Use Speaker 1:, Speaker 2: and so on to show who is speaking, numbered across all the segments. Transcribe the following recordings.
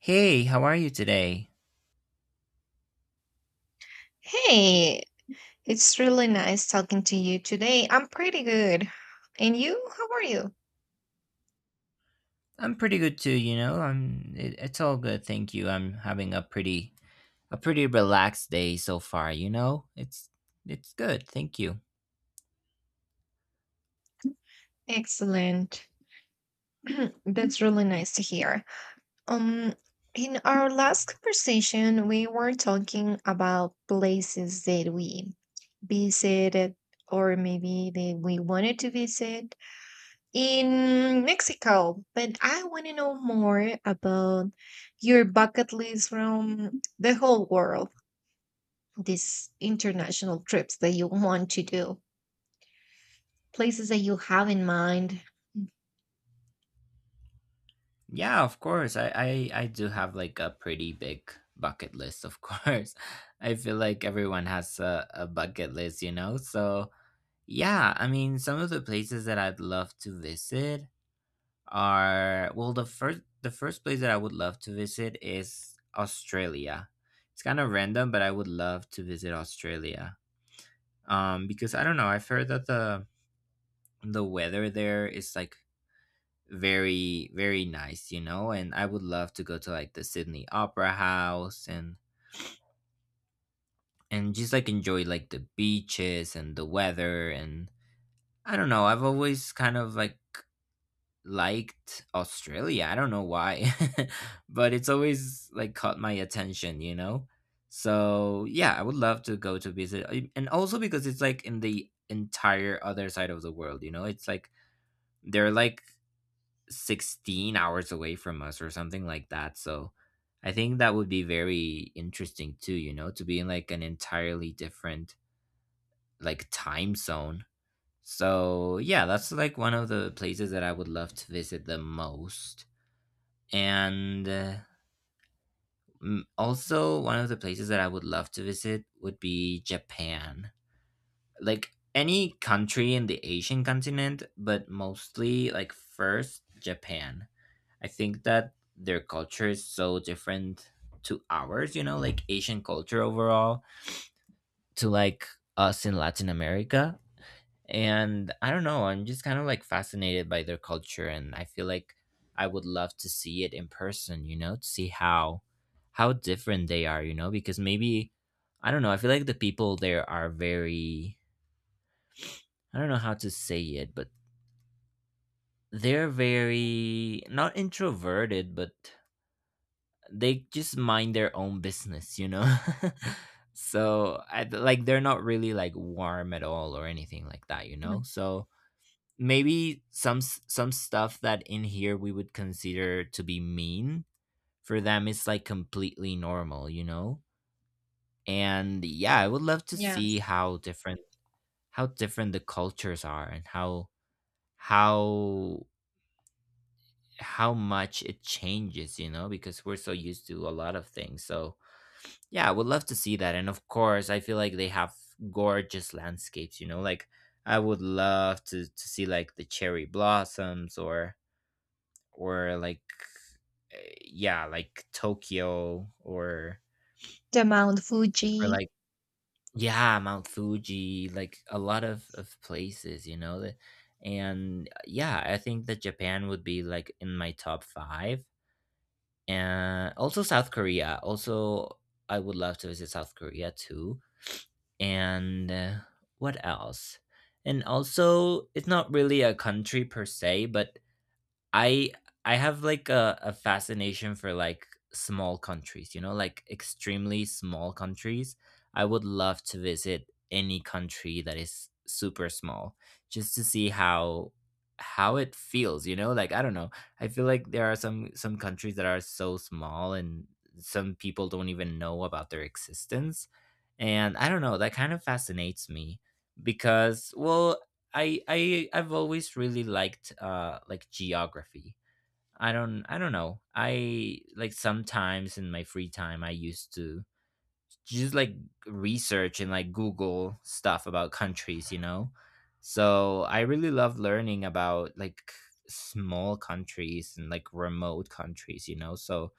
Speaker 1: Hey, how are you today?
Speaker 2: Hey, it's really nice talking to you today. I'm pretty good. And you? How are you?
Speaker 1: I'm pretty good too, you know. It's all good, thank you. I'm having a pretty relaxed day so far, you know? It's good, thank you.
Speaker 2: Excellent. That's really nice to hear. Um, in our last conversation, we were talking about places that we visited or maybe that we wanted to visit in Mexico. But I want to know more about your bucket list from the whole world. These international trips that you want to do? Places that you have in mind?
Speaker 1: Yeah, of course. I do have like a pretty big bucket list, of course. I feel like everyone has a bucket list, you know? So, yeah, I mean, some of the places that I'd love to visit are well the first place that I would love to visit is Australia. It's kind of random, but I would love to visit Australia. Because I don't know, I've heard that the weather there is like very nice, you know, and I would love to go to like the Sydney Opera House and just like enjoy like the beaches and the weather and I don't know, I've always kind of like liked Australia. I don't know why, but it's always like caught my attention, you know? So, yeah, I would love to go to visit. And also because it's like in the entire other side of the world, you know? It's like they're like 16 hours away from us or something like that. So, I think that would be very interesting too, you know, to be in like an entirely different like time zone. So, yeah, that's like one of the places that I would love to visit the most. And uh, Also, one of the places that I would love to visit would be Japan. Like any country in the Asian continent, but mostly like first Japan. I think that their culture is so different to ours, you know, like Asian culture overall to like us in Latin America, and I don't know, I'm just kind of like fascinated by their culture, and I feel like I would love to see it in person, you know, to see how different they are, you know, because maybe I don't know, I feel like the people there are very I don't know how to say it, but they're very not introverted, but they just mind their own business, you know. Like they're not really like warm at all or anything like that, you know,
Speaker 2: Mm,
Speaker 1: so maybe some stuff that in here we would consider to be mean for them is like completely normal, you know, and yeah I would love to see
Speaker 2: yes.
Speaker 1: how different the cultures are and how how how much it changes, you know, because we're so used to a lot of things. So yeah, I would love to see that, and of course I feel like they have gorgeous landscapes, you know, like I would love to see like the cherry blossoms or like uh, yeah, like Tokyo
Speaker 2: The Mount
Speaker 1: or
Speaker 2: Fuji.
Speaker 1: like yeah, Mount Fuji, like a lot of places, you know. And yeah, I think that Japan would be like in my top 5, and also South Korea. Also I would love to visit South Korea too. And What else? And also it's not really a country per se, but I I have like a fascination for like small countries, you know, like extremely small countries. I would love to visit any country that is super small just to see how it feels, you know? Like I don't know. I feel like there are some countries that are so small and some people don't even know about their existence. And I don't know, that kind of fascinates me because well, I've always really liked like geography. I don't know. I like sometimes in my free time I used to just like research and like Google stuff about countries, you know. So I really love learning about like small countries and like remote countries, you know. So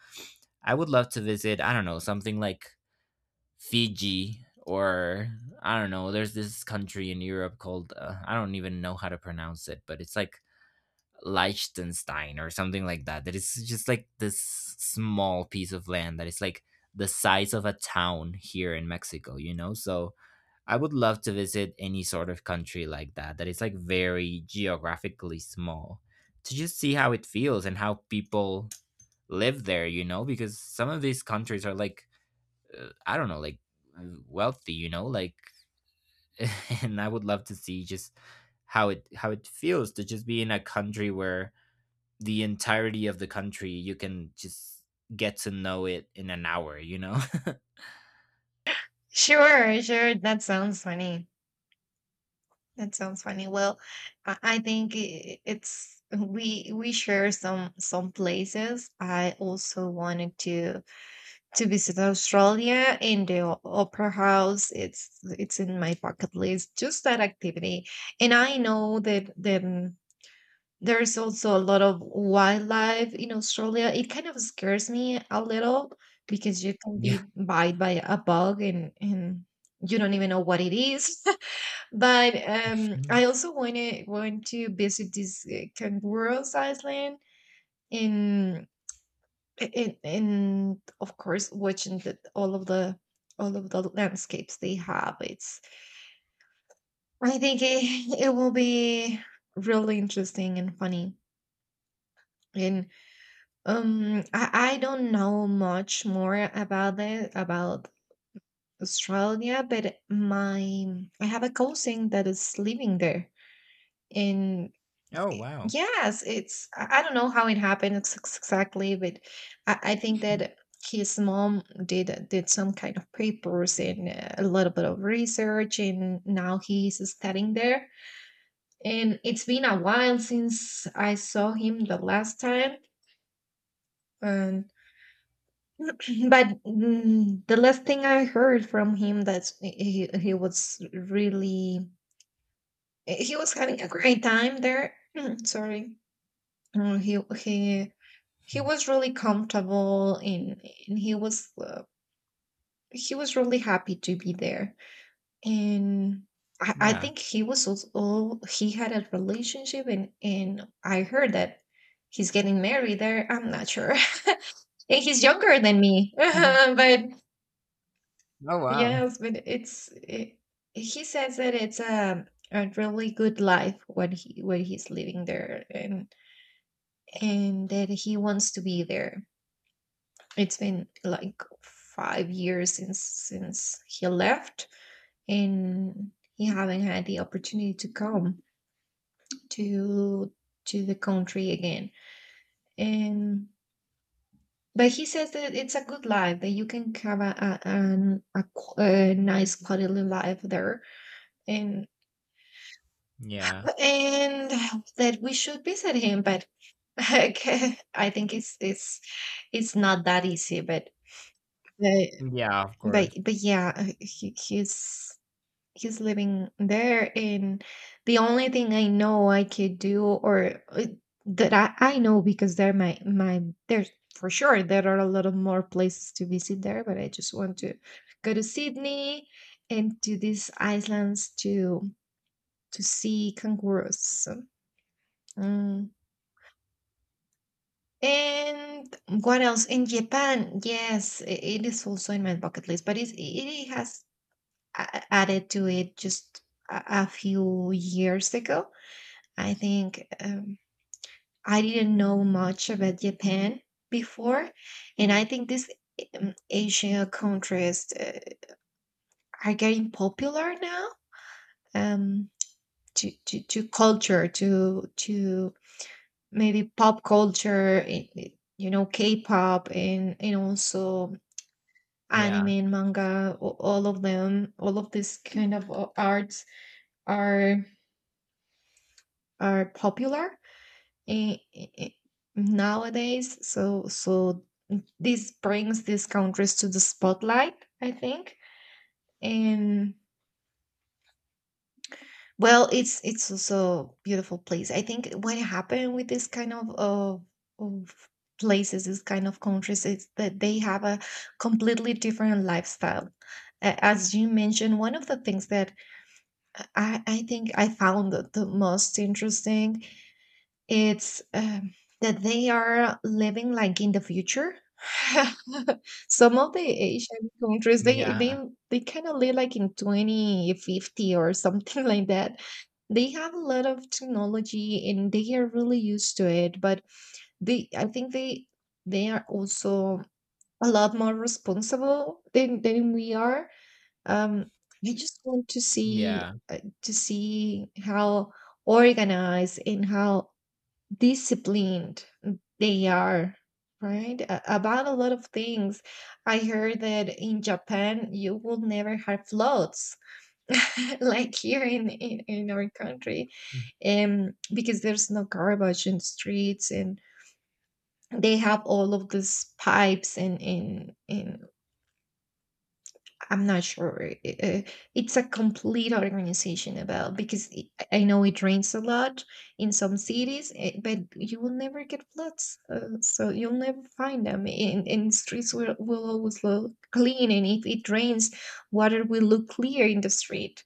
Speaker 1: I would love to visit, I don't know, something like Fiji or I don't know. There's this country in Europe called I don't even know how to pronounce it, but it's like Liechtenstein or something like that. That is just like this small piece of land that is like the size of a town here in Mexico, you know? So I would love to visit any sort of country like that, that is like very geographically small, to just see how it feels and how people live there, you know? Because some of these countries are like I don't know, like wealthy, you know, like, and I would love to see just how it feels to just be in a country where the entirety of the country you can just get to know it in an hour, you know?
Speaker 2: Sure, sure. That sounds funny. That sounds funny. Well, I think it's we share some places. I also wanted to visit Australia and the Opera House. It's in my bucket list. Just that activity, and I know that then there's also a lot of wildlife in Australia. It kind of scares me a little because you can
Speaker 1: Yeah.
Speaker 2: be bite by a bug and you don't even know what it is. But
Speaker 1: Mhm.
Speaker 2: I also want to visit this Kangaroos Island. In and of course watching the, all of the all of the landscapes they have, it's I think it, it will be really interesting and funny and I don't know much more about it about Australia, but my I have a cousin that is living there. And
Speaker 1: Oh wow.
Speaker 2: yes, it's I don't know how it happened ex ex exactly, but I think that his mom did some kind of papers and a little bit of research, and now he's studying there. And it's been a while since I saw him the last time, and but the last thing I heard from him that he was really he was having a great time there. Sorry. He he
Speaker 1: Mhm.
Speaker 2: was really comfortable and he was really happy to be there. And I
Speaker 1: Yeah.
Speaker 2: think he was also he had a relationship and I heard that he's getting married there. I'm not sure. And he's younger than me. But
Speaker 1: Oh wow.
Speaker 2: yes, but it's it, he says that it's a really good life what he what he's living there, and that he wants to be there. It's been like 5 years since he left, and he haven't had the opportunity to come to to the country again. And but he says that it's a good life, that you can have a, a nice quality life there, and
Speaker 1: Yeah.
Speaker 2: and that we should visit him, but okay, I think it's not that easy, but
Speaker 1: Yeah, of course.
Speaker 2: but yeah he's he's living there. And the only thing I know I could do or that I know, because there my there's for sure there are a lot of more places to visit there, but I just want to go to Sydney and to these islands to see kangaroos. Mm. And what else in Japan? Yes, it is also in my bucket list, but it's, it has added to it just a few years ago, I think. I didn't know much about Japan before, and I think these Asian countries are getting popular now, um, to culture, to maybe pop culture, you know, K-pop, and also anime
Speaker 1: Yeah.
Speaker 2: and manga. All of them, all of these kind of arts are are popular. i- i- i- Nowadays, so so this brings these countries to the spotlight, I think. And well, it's also a beautiful place. I think what happened with this kind of places, this kind of countries, is that they have a completely different lifestyle. As you mentioned, one of the things that I think I found the most interesting it's, that they are living, like, in the future. Some of the Asian countries, they
Speaker 1: Yeah.
Speaker 2: they kinda live, like, in 2050 or something like that. They have a lot of technology, and they are really used to it, but they I think they are also a lot more responsible than we are. Um, I just want
Speaker 1: Yeah.
Speaker 2: to see how organized and how disciplined they are right about a lot of things. I heard that in Japan you will never have floods like here in our country,
Speaker 1: Mm.
Speaker 2: because there's no garbage in streets, and they have all of these pipes and in I'm not sure. Uh, It's a complete organization about, because I know it rains a lot in some cities, eh, but you will never get floods. So you'll never find them. And streets will always look clean. And if it rains, water will look clear in the street.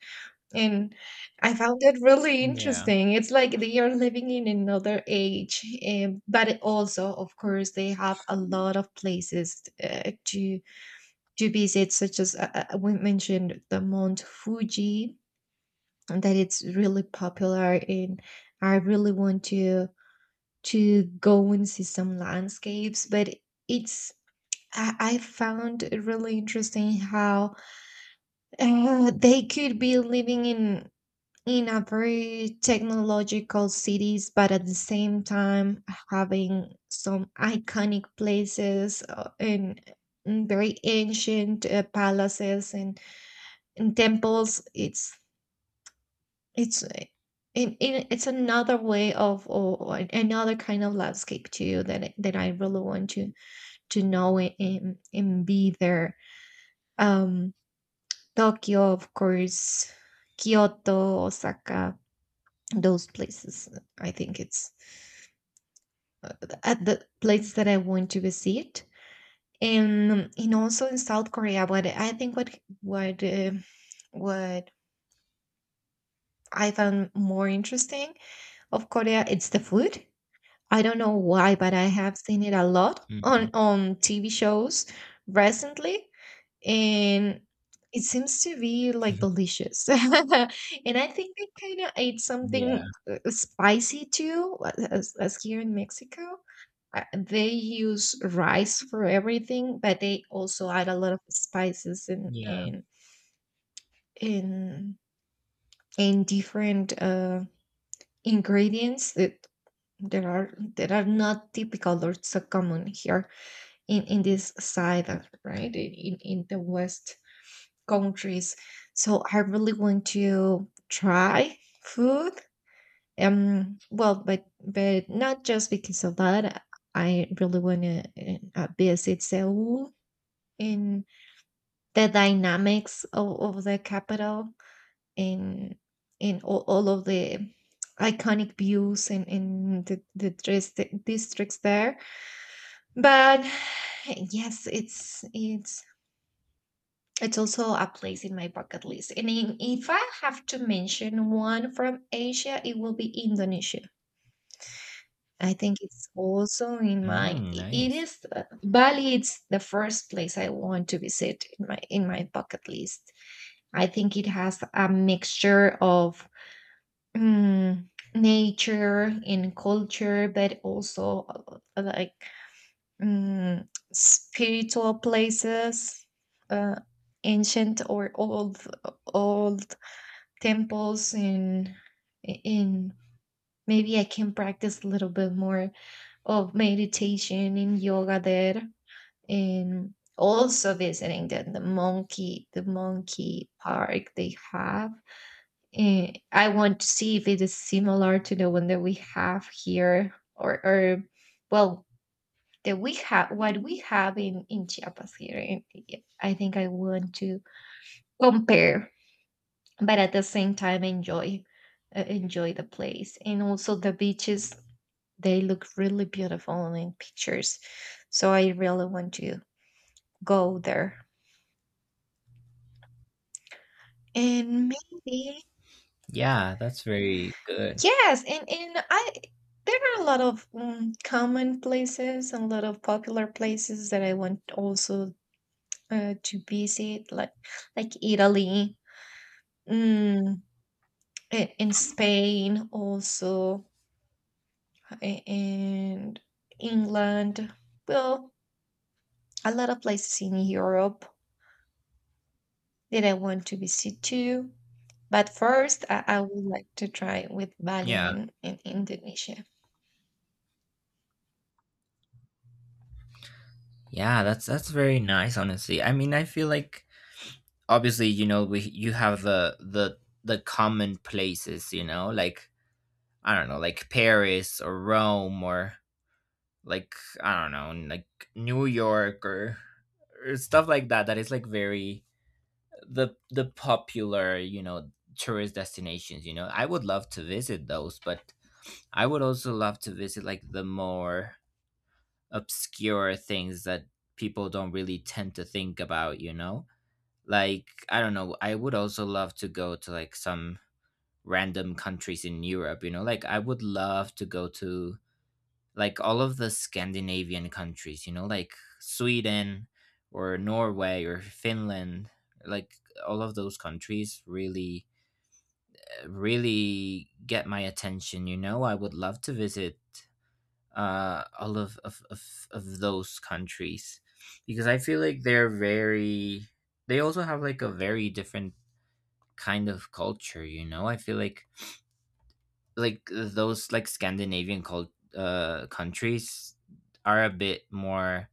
Speaker 2: And I found that really
Speaker 1: Yeah.
Speaker 2: interesting. It's like they are living in another age. But also, of course, they have a lot of places to visit, such as we mentioned the Mount Fuji, and that it's really popular, and I really want to go and see some landscapes, but it's I found it really interesting how they could be living in a very technological cities, but at the same time having some iconic places and very ancient palaces and in temples. It's in, it's another way of or another kind of landscape too that that I really want to know and be there. Um, Tokyo, of course, Kyoto, Osaka, those places. I think it's at the place that I want to visit, and also in South Korea. What I think what uh, what I found more interesting of Korea, it's the food. I don't know why, but I have seen it a lot
Speaker 1: Mhm.
Speaker 2: on TV shows recently, and it seems to be like delicious. And I think they kind of ate
Speaker 1: Yeah.
Speaker 2: something spicy too, as here in Mexico. They use rice for everything, but they also add a lot of spices
Speaker 1: Yeah.
Speaker 2: and, and different ingredients that that are that are not typical or so common here in this side of right in the west countries. So I really want to try food. Um, well, but not just because of that, I really want to visit Seoul and the dynamics of the capital, and and all of the iconic views and in the districts there. But yes, it's it's also a place in my bucket list. And in, if I have to mention one from Asia, it will be Indonesia. I think it's also in my
Speaker 1: Mm,
Speaker 2: it
Speaker 1: nice.
Speaker 2: is Bali it's the first place I want to visit in my bucket list. I think it has a mixture of nature and culture, but also like mm, spiritual places, uh, ancient or old old temples and in maybe I can practice a little bit more of meditation and yoga there, and also visiting the monkey park they have. And I want to see if it is similar to the one that we have here or well that we have what we have in Chiapas here, and I think I want to compare, but at the same time enjoy enjoy the place and also the beaches. They look really beautiful in pictures, so I really want to go there and maybe
Speaker 1: Yeah, that's very good.
Speaker 2: yes and I there are a lot of common places and a lot of popular places that I want also to visit, like Italy, mm, in Spain also and England, well, a lot of places in Europe that I want to visit too. But first, I would like to try with Bali
Speaker 1: Yeah.
Speaker 2: in Indonesia.
Speaker 1: Yeah, that's very nice, honestly. I mean, I feel like obviously, you know, we you have the common places, you know, like I don't know, like Paris or Rome or like I don't know, like New York or stuff like that, that is like very the popular, you know, tourist destinations, you know. I would love to visit those, but I would also love to visit like the more obscure things that people don't really tend to think about, you know? Like I don't know, I would also love to go to like some random countries in Europe, you know, like I would love to go to like all of the Scandinavian countries, you know, like Sweden or Norway or Finland, like all of those countries really really get my attention, you know, I would love to visit all of those countries because I feel like they're very they also have like a very different kind of culture, you know, I feel like those like scandinavian cult countries are a bit more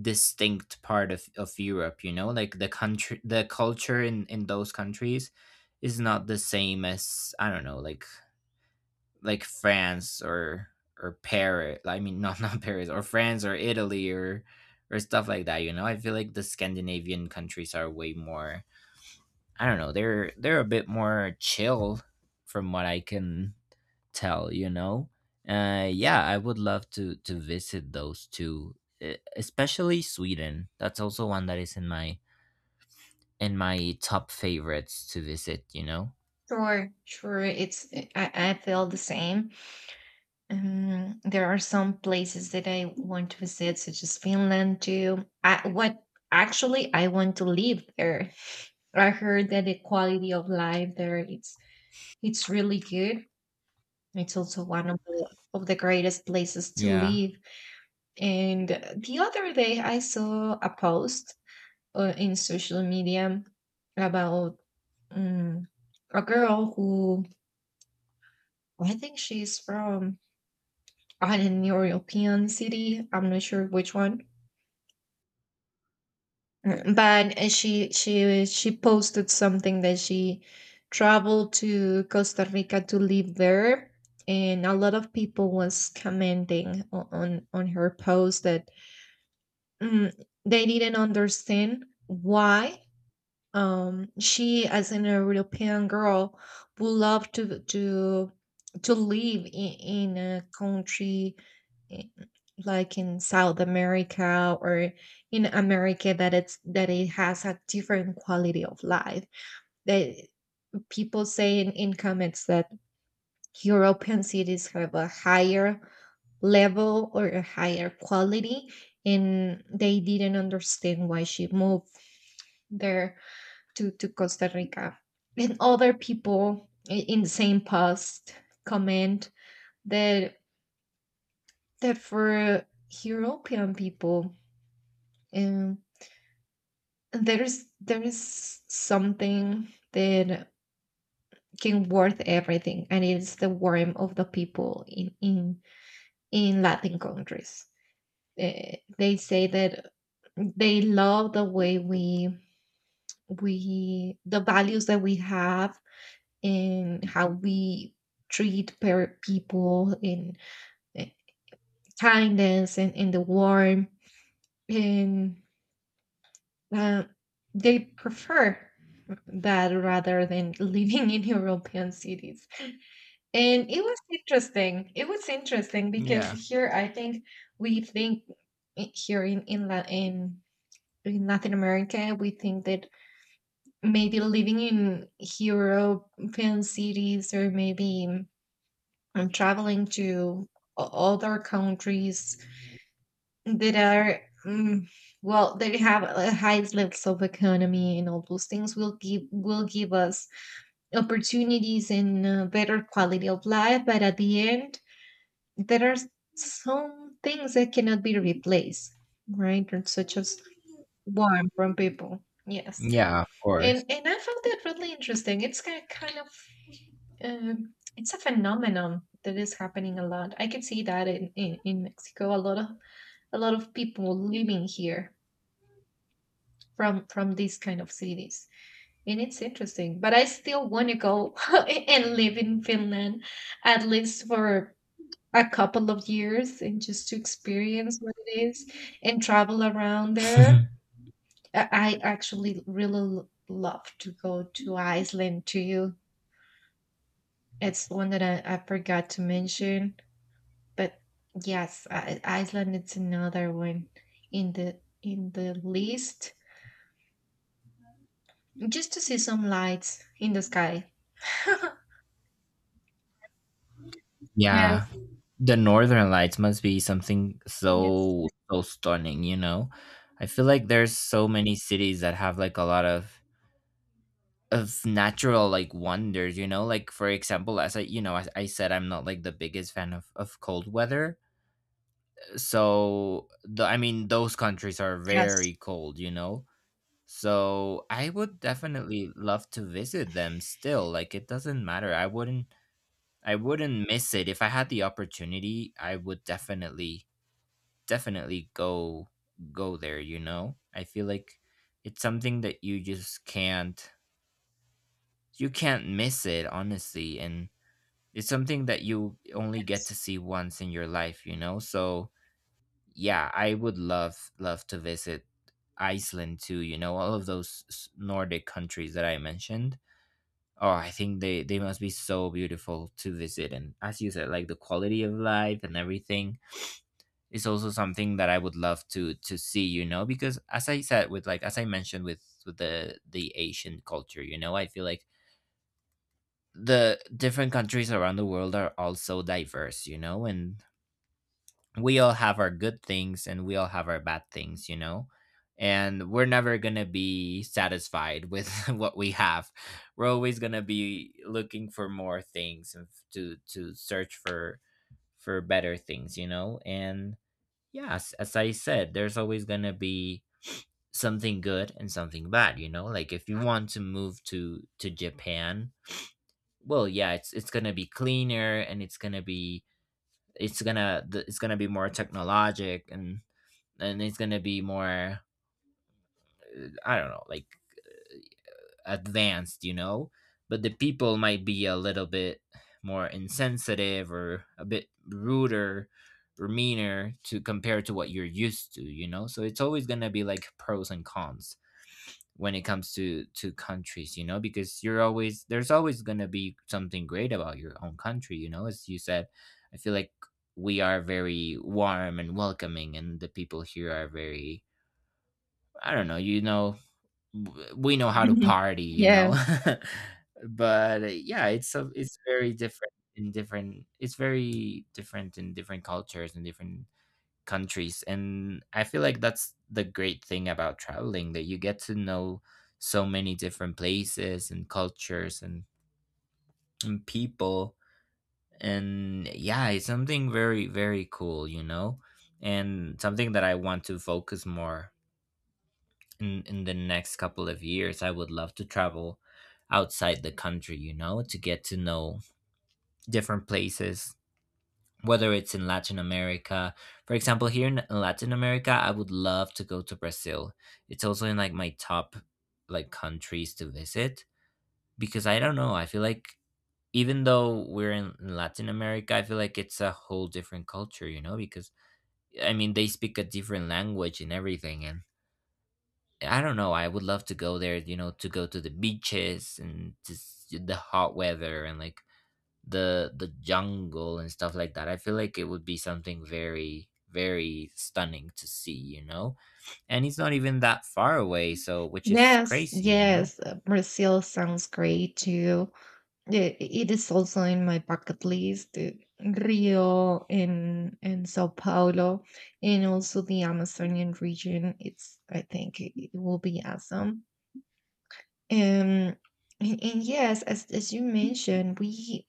Speaker 1: distinct part of Europe, you know, like the culture in those countries is not the same as I don't know, like France or Paris, I mean not not Paris or France or Italy or stuff like that, you know, I feel like the Scandinavian countries are way more I don't know, they're a bit more chill from what I can tell, you know. Yeah, I would love to visit those two, especially Sweden. That's also one that is in my top favorites to visit, you know.
Speaker 2: Sure, sure. It's I feel the same. There are some places that I want to visit, such as Finland too. I, what actually I want to live there. I heard that the quality of life there it's really good. It's also one of the greatest places to
Speaker 1: Yeah.
Speaker 2: live. And the other day, I saw a post in social media about um, a girl who I think she's from an European city. I'm not sure which one, but she she posted something that she traveled to Costa Rica to live there, and a lot of people was commenting on her post that mm, they didn't understand why. She, as an European girl, would love to live in a country i- like in South America or in America that it's that it has a different quality of life. That people say in comments that European cities have a higher level or a higher quality, and they didn't understand why she moved there, to Costa Rica. And other people in the same post comment that for European people, um, there is something that can worth everything, and it's the warmth of the people in Latin countries. They say that they love the way we, the values that we have in how we treat per people in uh, kindness and in the warmth, and uh, they prefer that rather than living in european cities. And it was interesting because
Speaker 1: Yeah.
Speaker 2: here I think we think, here in in Latin America, we think that maybe living in European cities, or maybe I'm traveling to other countries that are well, they have a high levels of economy, and all those things will give us opportunities and, better quality of life, but at the end there are some things that cannot be replaced, right? And such as warmth from people, yes.
Speaker 1: Yeah, of
Speaker 2: and
Speaker 1: course.
Speaker 2: and I found that really interesting. It's kind of, it's a phenomenon that is happening a lot. I can see that in Mexico, a lot of, a lot of people living here from these kind of cities, and it's interesting. But I still want to go and live in Finland, at least for a couple of years, and just to experience what it is and travel around there. I actually really love to go to Iceland too. It's one that I forgot to mention. But yes, Iceland, it's another one in the list, just to see some lights in the sky.
Speaker 1: Yeah,
Speaker 2: Yes,
Speaker 1: the northern lights must be something
Speaker 2: yes.
Speaker 1: so so stunning, you know. I feel like there's so many cities that have like a lot of natural like wonders, you know, like for example, as I you know, as I said, I'm not like the biggest fan of cold weather, so the I mean those countries are
Speaker 2: Yes,
Speaker 1: very cold, you know, so I would definitely love to visit them still, like it doesn't matter, I wouldn't miss it. If I had the opportunity, I would definitely go there, you know, I feel like it's something that you just can't you can't miss it, honestly, and it's something that you only get to
Speaker 2: yes.
Speaker 1: see once in your life, you know? So, yeah, I would love to visit Iceland too, you know, all of those Nordic countries that I mentioned. Oh, I think they must be so beautiful to visit, and as you said, like the quality of life and everything is also something that I would love to see, you know, because as I said with like as I mentioned with the Asian culture, you know, I feel like the different countries around the world are also diverse, you know, and we all have our good things and we all have our bad things, you know? And we're never going to be satisfied with what we have. We're always going to be looking for more things and to search for better things, you know? And yeah, as I said, there's always going to be something good and something bad, you know? Like if you want to move to Japan, well, yeah, it's going to be cleaner and it's going to be it's gonna be more technologic and it's gonna be more I don't know like advanced, you know. But the people might be a little bit more insensitive or a bit ruder or meaner to compare to what you're used to, you know. So it's always gonna be like pros and cons when it comes to countries, you know, because you're always there's always going to be something great about your own country, you know, as you said, I feel like we are very warm and welcoming, and the people here are very I don't know, you know, we know how to party, you
Speaker 2: Yeah.
Speaker 1: know. But yeah, it's very different in different it's very different in different cultures and different countries, and I feel like that's the great thing about traveling, that you get to know so many different places and cultures, and people, and yeah, it's something very very cool, you know, and something that I want to focus more in the next couple of years. I would love to travel outside the country, you know, to get to know different places, whether it's in Latin America. For example, here in Latin America, I would love to go to Brazil. It's also in like my top like countries to visit, because I don't know, I feel like even though we're in Latin America, I feel like it's a whole different culture, you know, because I mean, they speak a different language and everything, and I don't know, I would love to go there, you know, to go to the beaches and just the hot weather and like the jungle and stuff like that. I feel like it would be something very very stunning to see, you know? And it's not even that far away, so which is
Speaker 2: Yes,
Speaker 1: crazy, you know?
Speaker 2: yes. Brazil sounds great too. It is also in my bucket list. Rio and Sao Paulo, and also the Amazonian region. It's, I think it it will be awesome. Um, and yes, as you mentioned, we,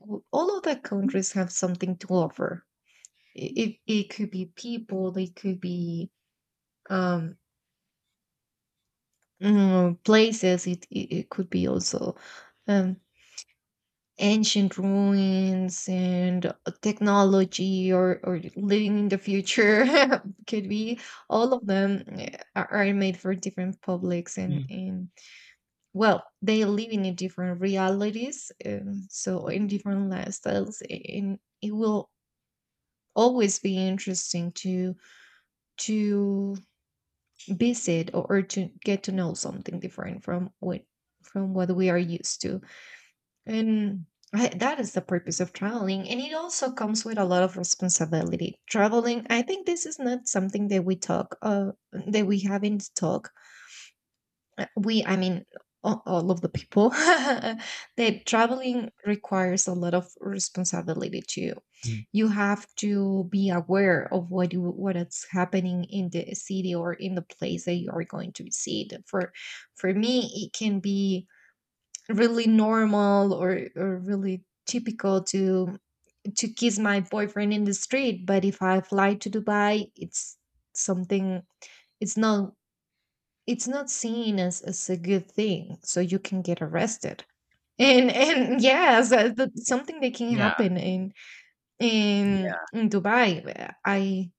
Speaker 2: all of the countries have something to offer. It, it could be people, it could be um, places, it could be also um, ancient ruins and technology, or living in the future. Could be all of them. Are made for different publics, and well, they live in a different realities, so in different lifestyles, and it will always be interesting to visit, or to get to know something different from what, from what we are used to. And I, that is the purpose of traveling, and it also comes with a lot of responsibility. Traveling, I think, this is not something that we talk, that we haven't talked, we, I mean, all of the people that traveling requires a lot of responsibility too.
Speaker 1: Mhm.
Speaker 2: You have to be aware of what you, what is happening in the city or in the place that you are going to visit. For me it can be really normal, or really typical to kiss my boyfriend in the street, but if I fly to Dubai, it's something, it's not, it's not seen as a good thing, so you can get arrested. And yes, that, something that can
Speaker 1: Yeah.
Speaker 2: happen in, in
Speaker 1: Yeah.
Speaker 2: in Dubai. I i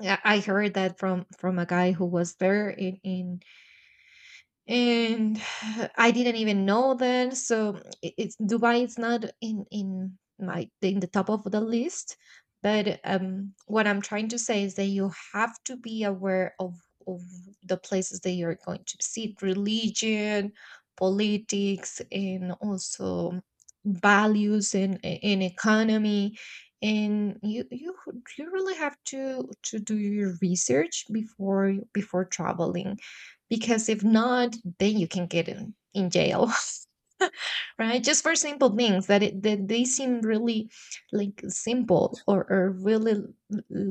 Speaker 2: I heard that from a guy who was there in, and I didn't even know then. So it, it's, Dubai is not in in my, in the top of the list. But what I'm trying to say is that you have to be aware of the places that you're going to visit, religion, politics, and also values and economy. And you you really have to do your research before before traveling, because if not, then you can get in jail, right? Just for simple things that, it, that they seem really like simple, or really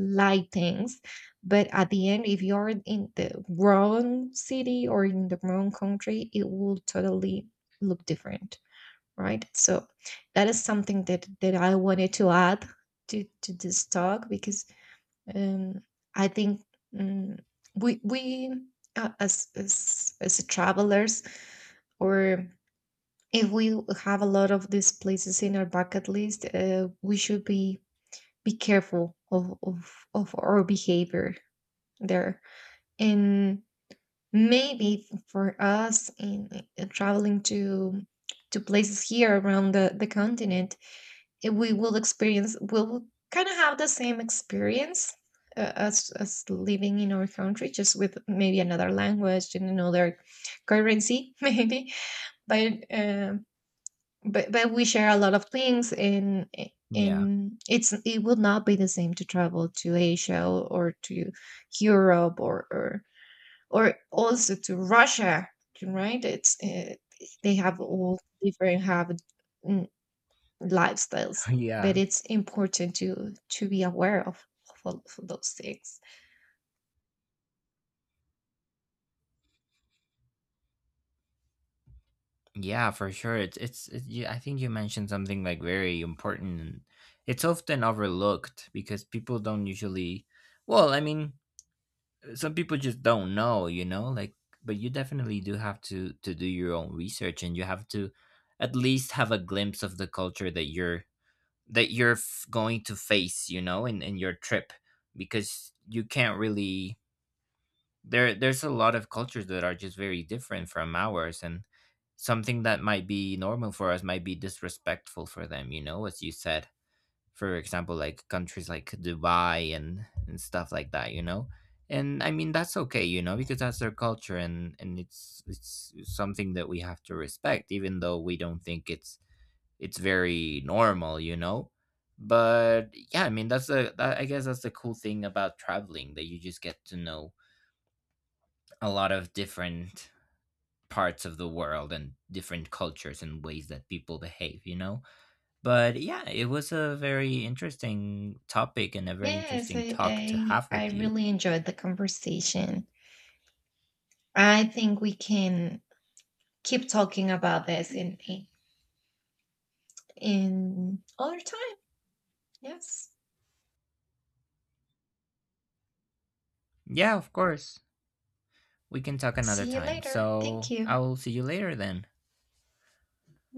Speaker 2: light things, but at the end, if you're in the wrong city or in the wrong country, it will totally look different, right? So that is something that that I wanted to add to this talk, because um, I think um, we as as travelers, or if we have a lot of these places in our bucket list, we should be careful of of our behavior there. And maybe for us in traveling to places here around the continent, we will experience, we'll kind of have the same experience, as living in our country, just with maybe another language and another currency, maybe. But but we share a lot of things, and
Speaker 1: Yeah.
Speaker 2: and it's, it will not be the same to travel to asia, or to europe, or also to russia, right? It's, they have all different have. mm, Lifestyles. But
Speaker 1: Yeah.
Speaker 2: it's important to be aware of all of those things.
Speaker 1: Yeah, for sure. I think you mentioned something like very important. It's often overlooked because people don't usually well, I mean, some people just don't know, you know, like but you definitely do have to do your own research, and you have to at least have a glimpse of the culture that you're going to face, you know, in your trip, because you can't really there's a lot of cultures that are just very different from ours, and something that might be normal for us might be disrespectful for them, you know, as you said, for example, like countries like Dubai and stuff like that, you know. And I mean, that's okay, you know, because that's their culture, and it's something that we have to respect even though we don't think it's very normal, you know. But yeah, I mean, that's I guess that's the cool thing about traveling, that you just get to know a lot of different parts of the world and different cultures and ways that people behave, you know. But yeah, it was a very interesting topic and a very
Speaker 2: Yes,
Speaker 1: interesting
Speaker 2: I,
Speaker 1: talk to
Speaker 2: I
Speaker 1: have
Speaker 2: i
Speaker 1: with you.
Speaker 2: really enjoyed the conversation. I think we can keep talking about this in other time. Yes,
Speaker 1: Yeah, of course. We can talk another
Speaker 2: see you
Speaker 1: time.
Speaker 2: later, thank
Speaker 1: So
Speaker 2: you.
Speaker 1: I'll see you later then.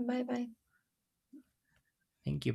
Speaker 2: Bye bye.
Speaker 1: Thank you.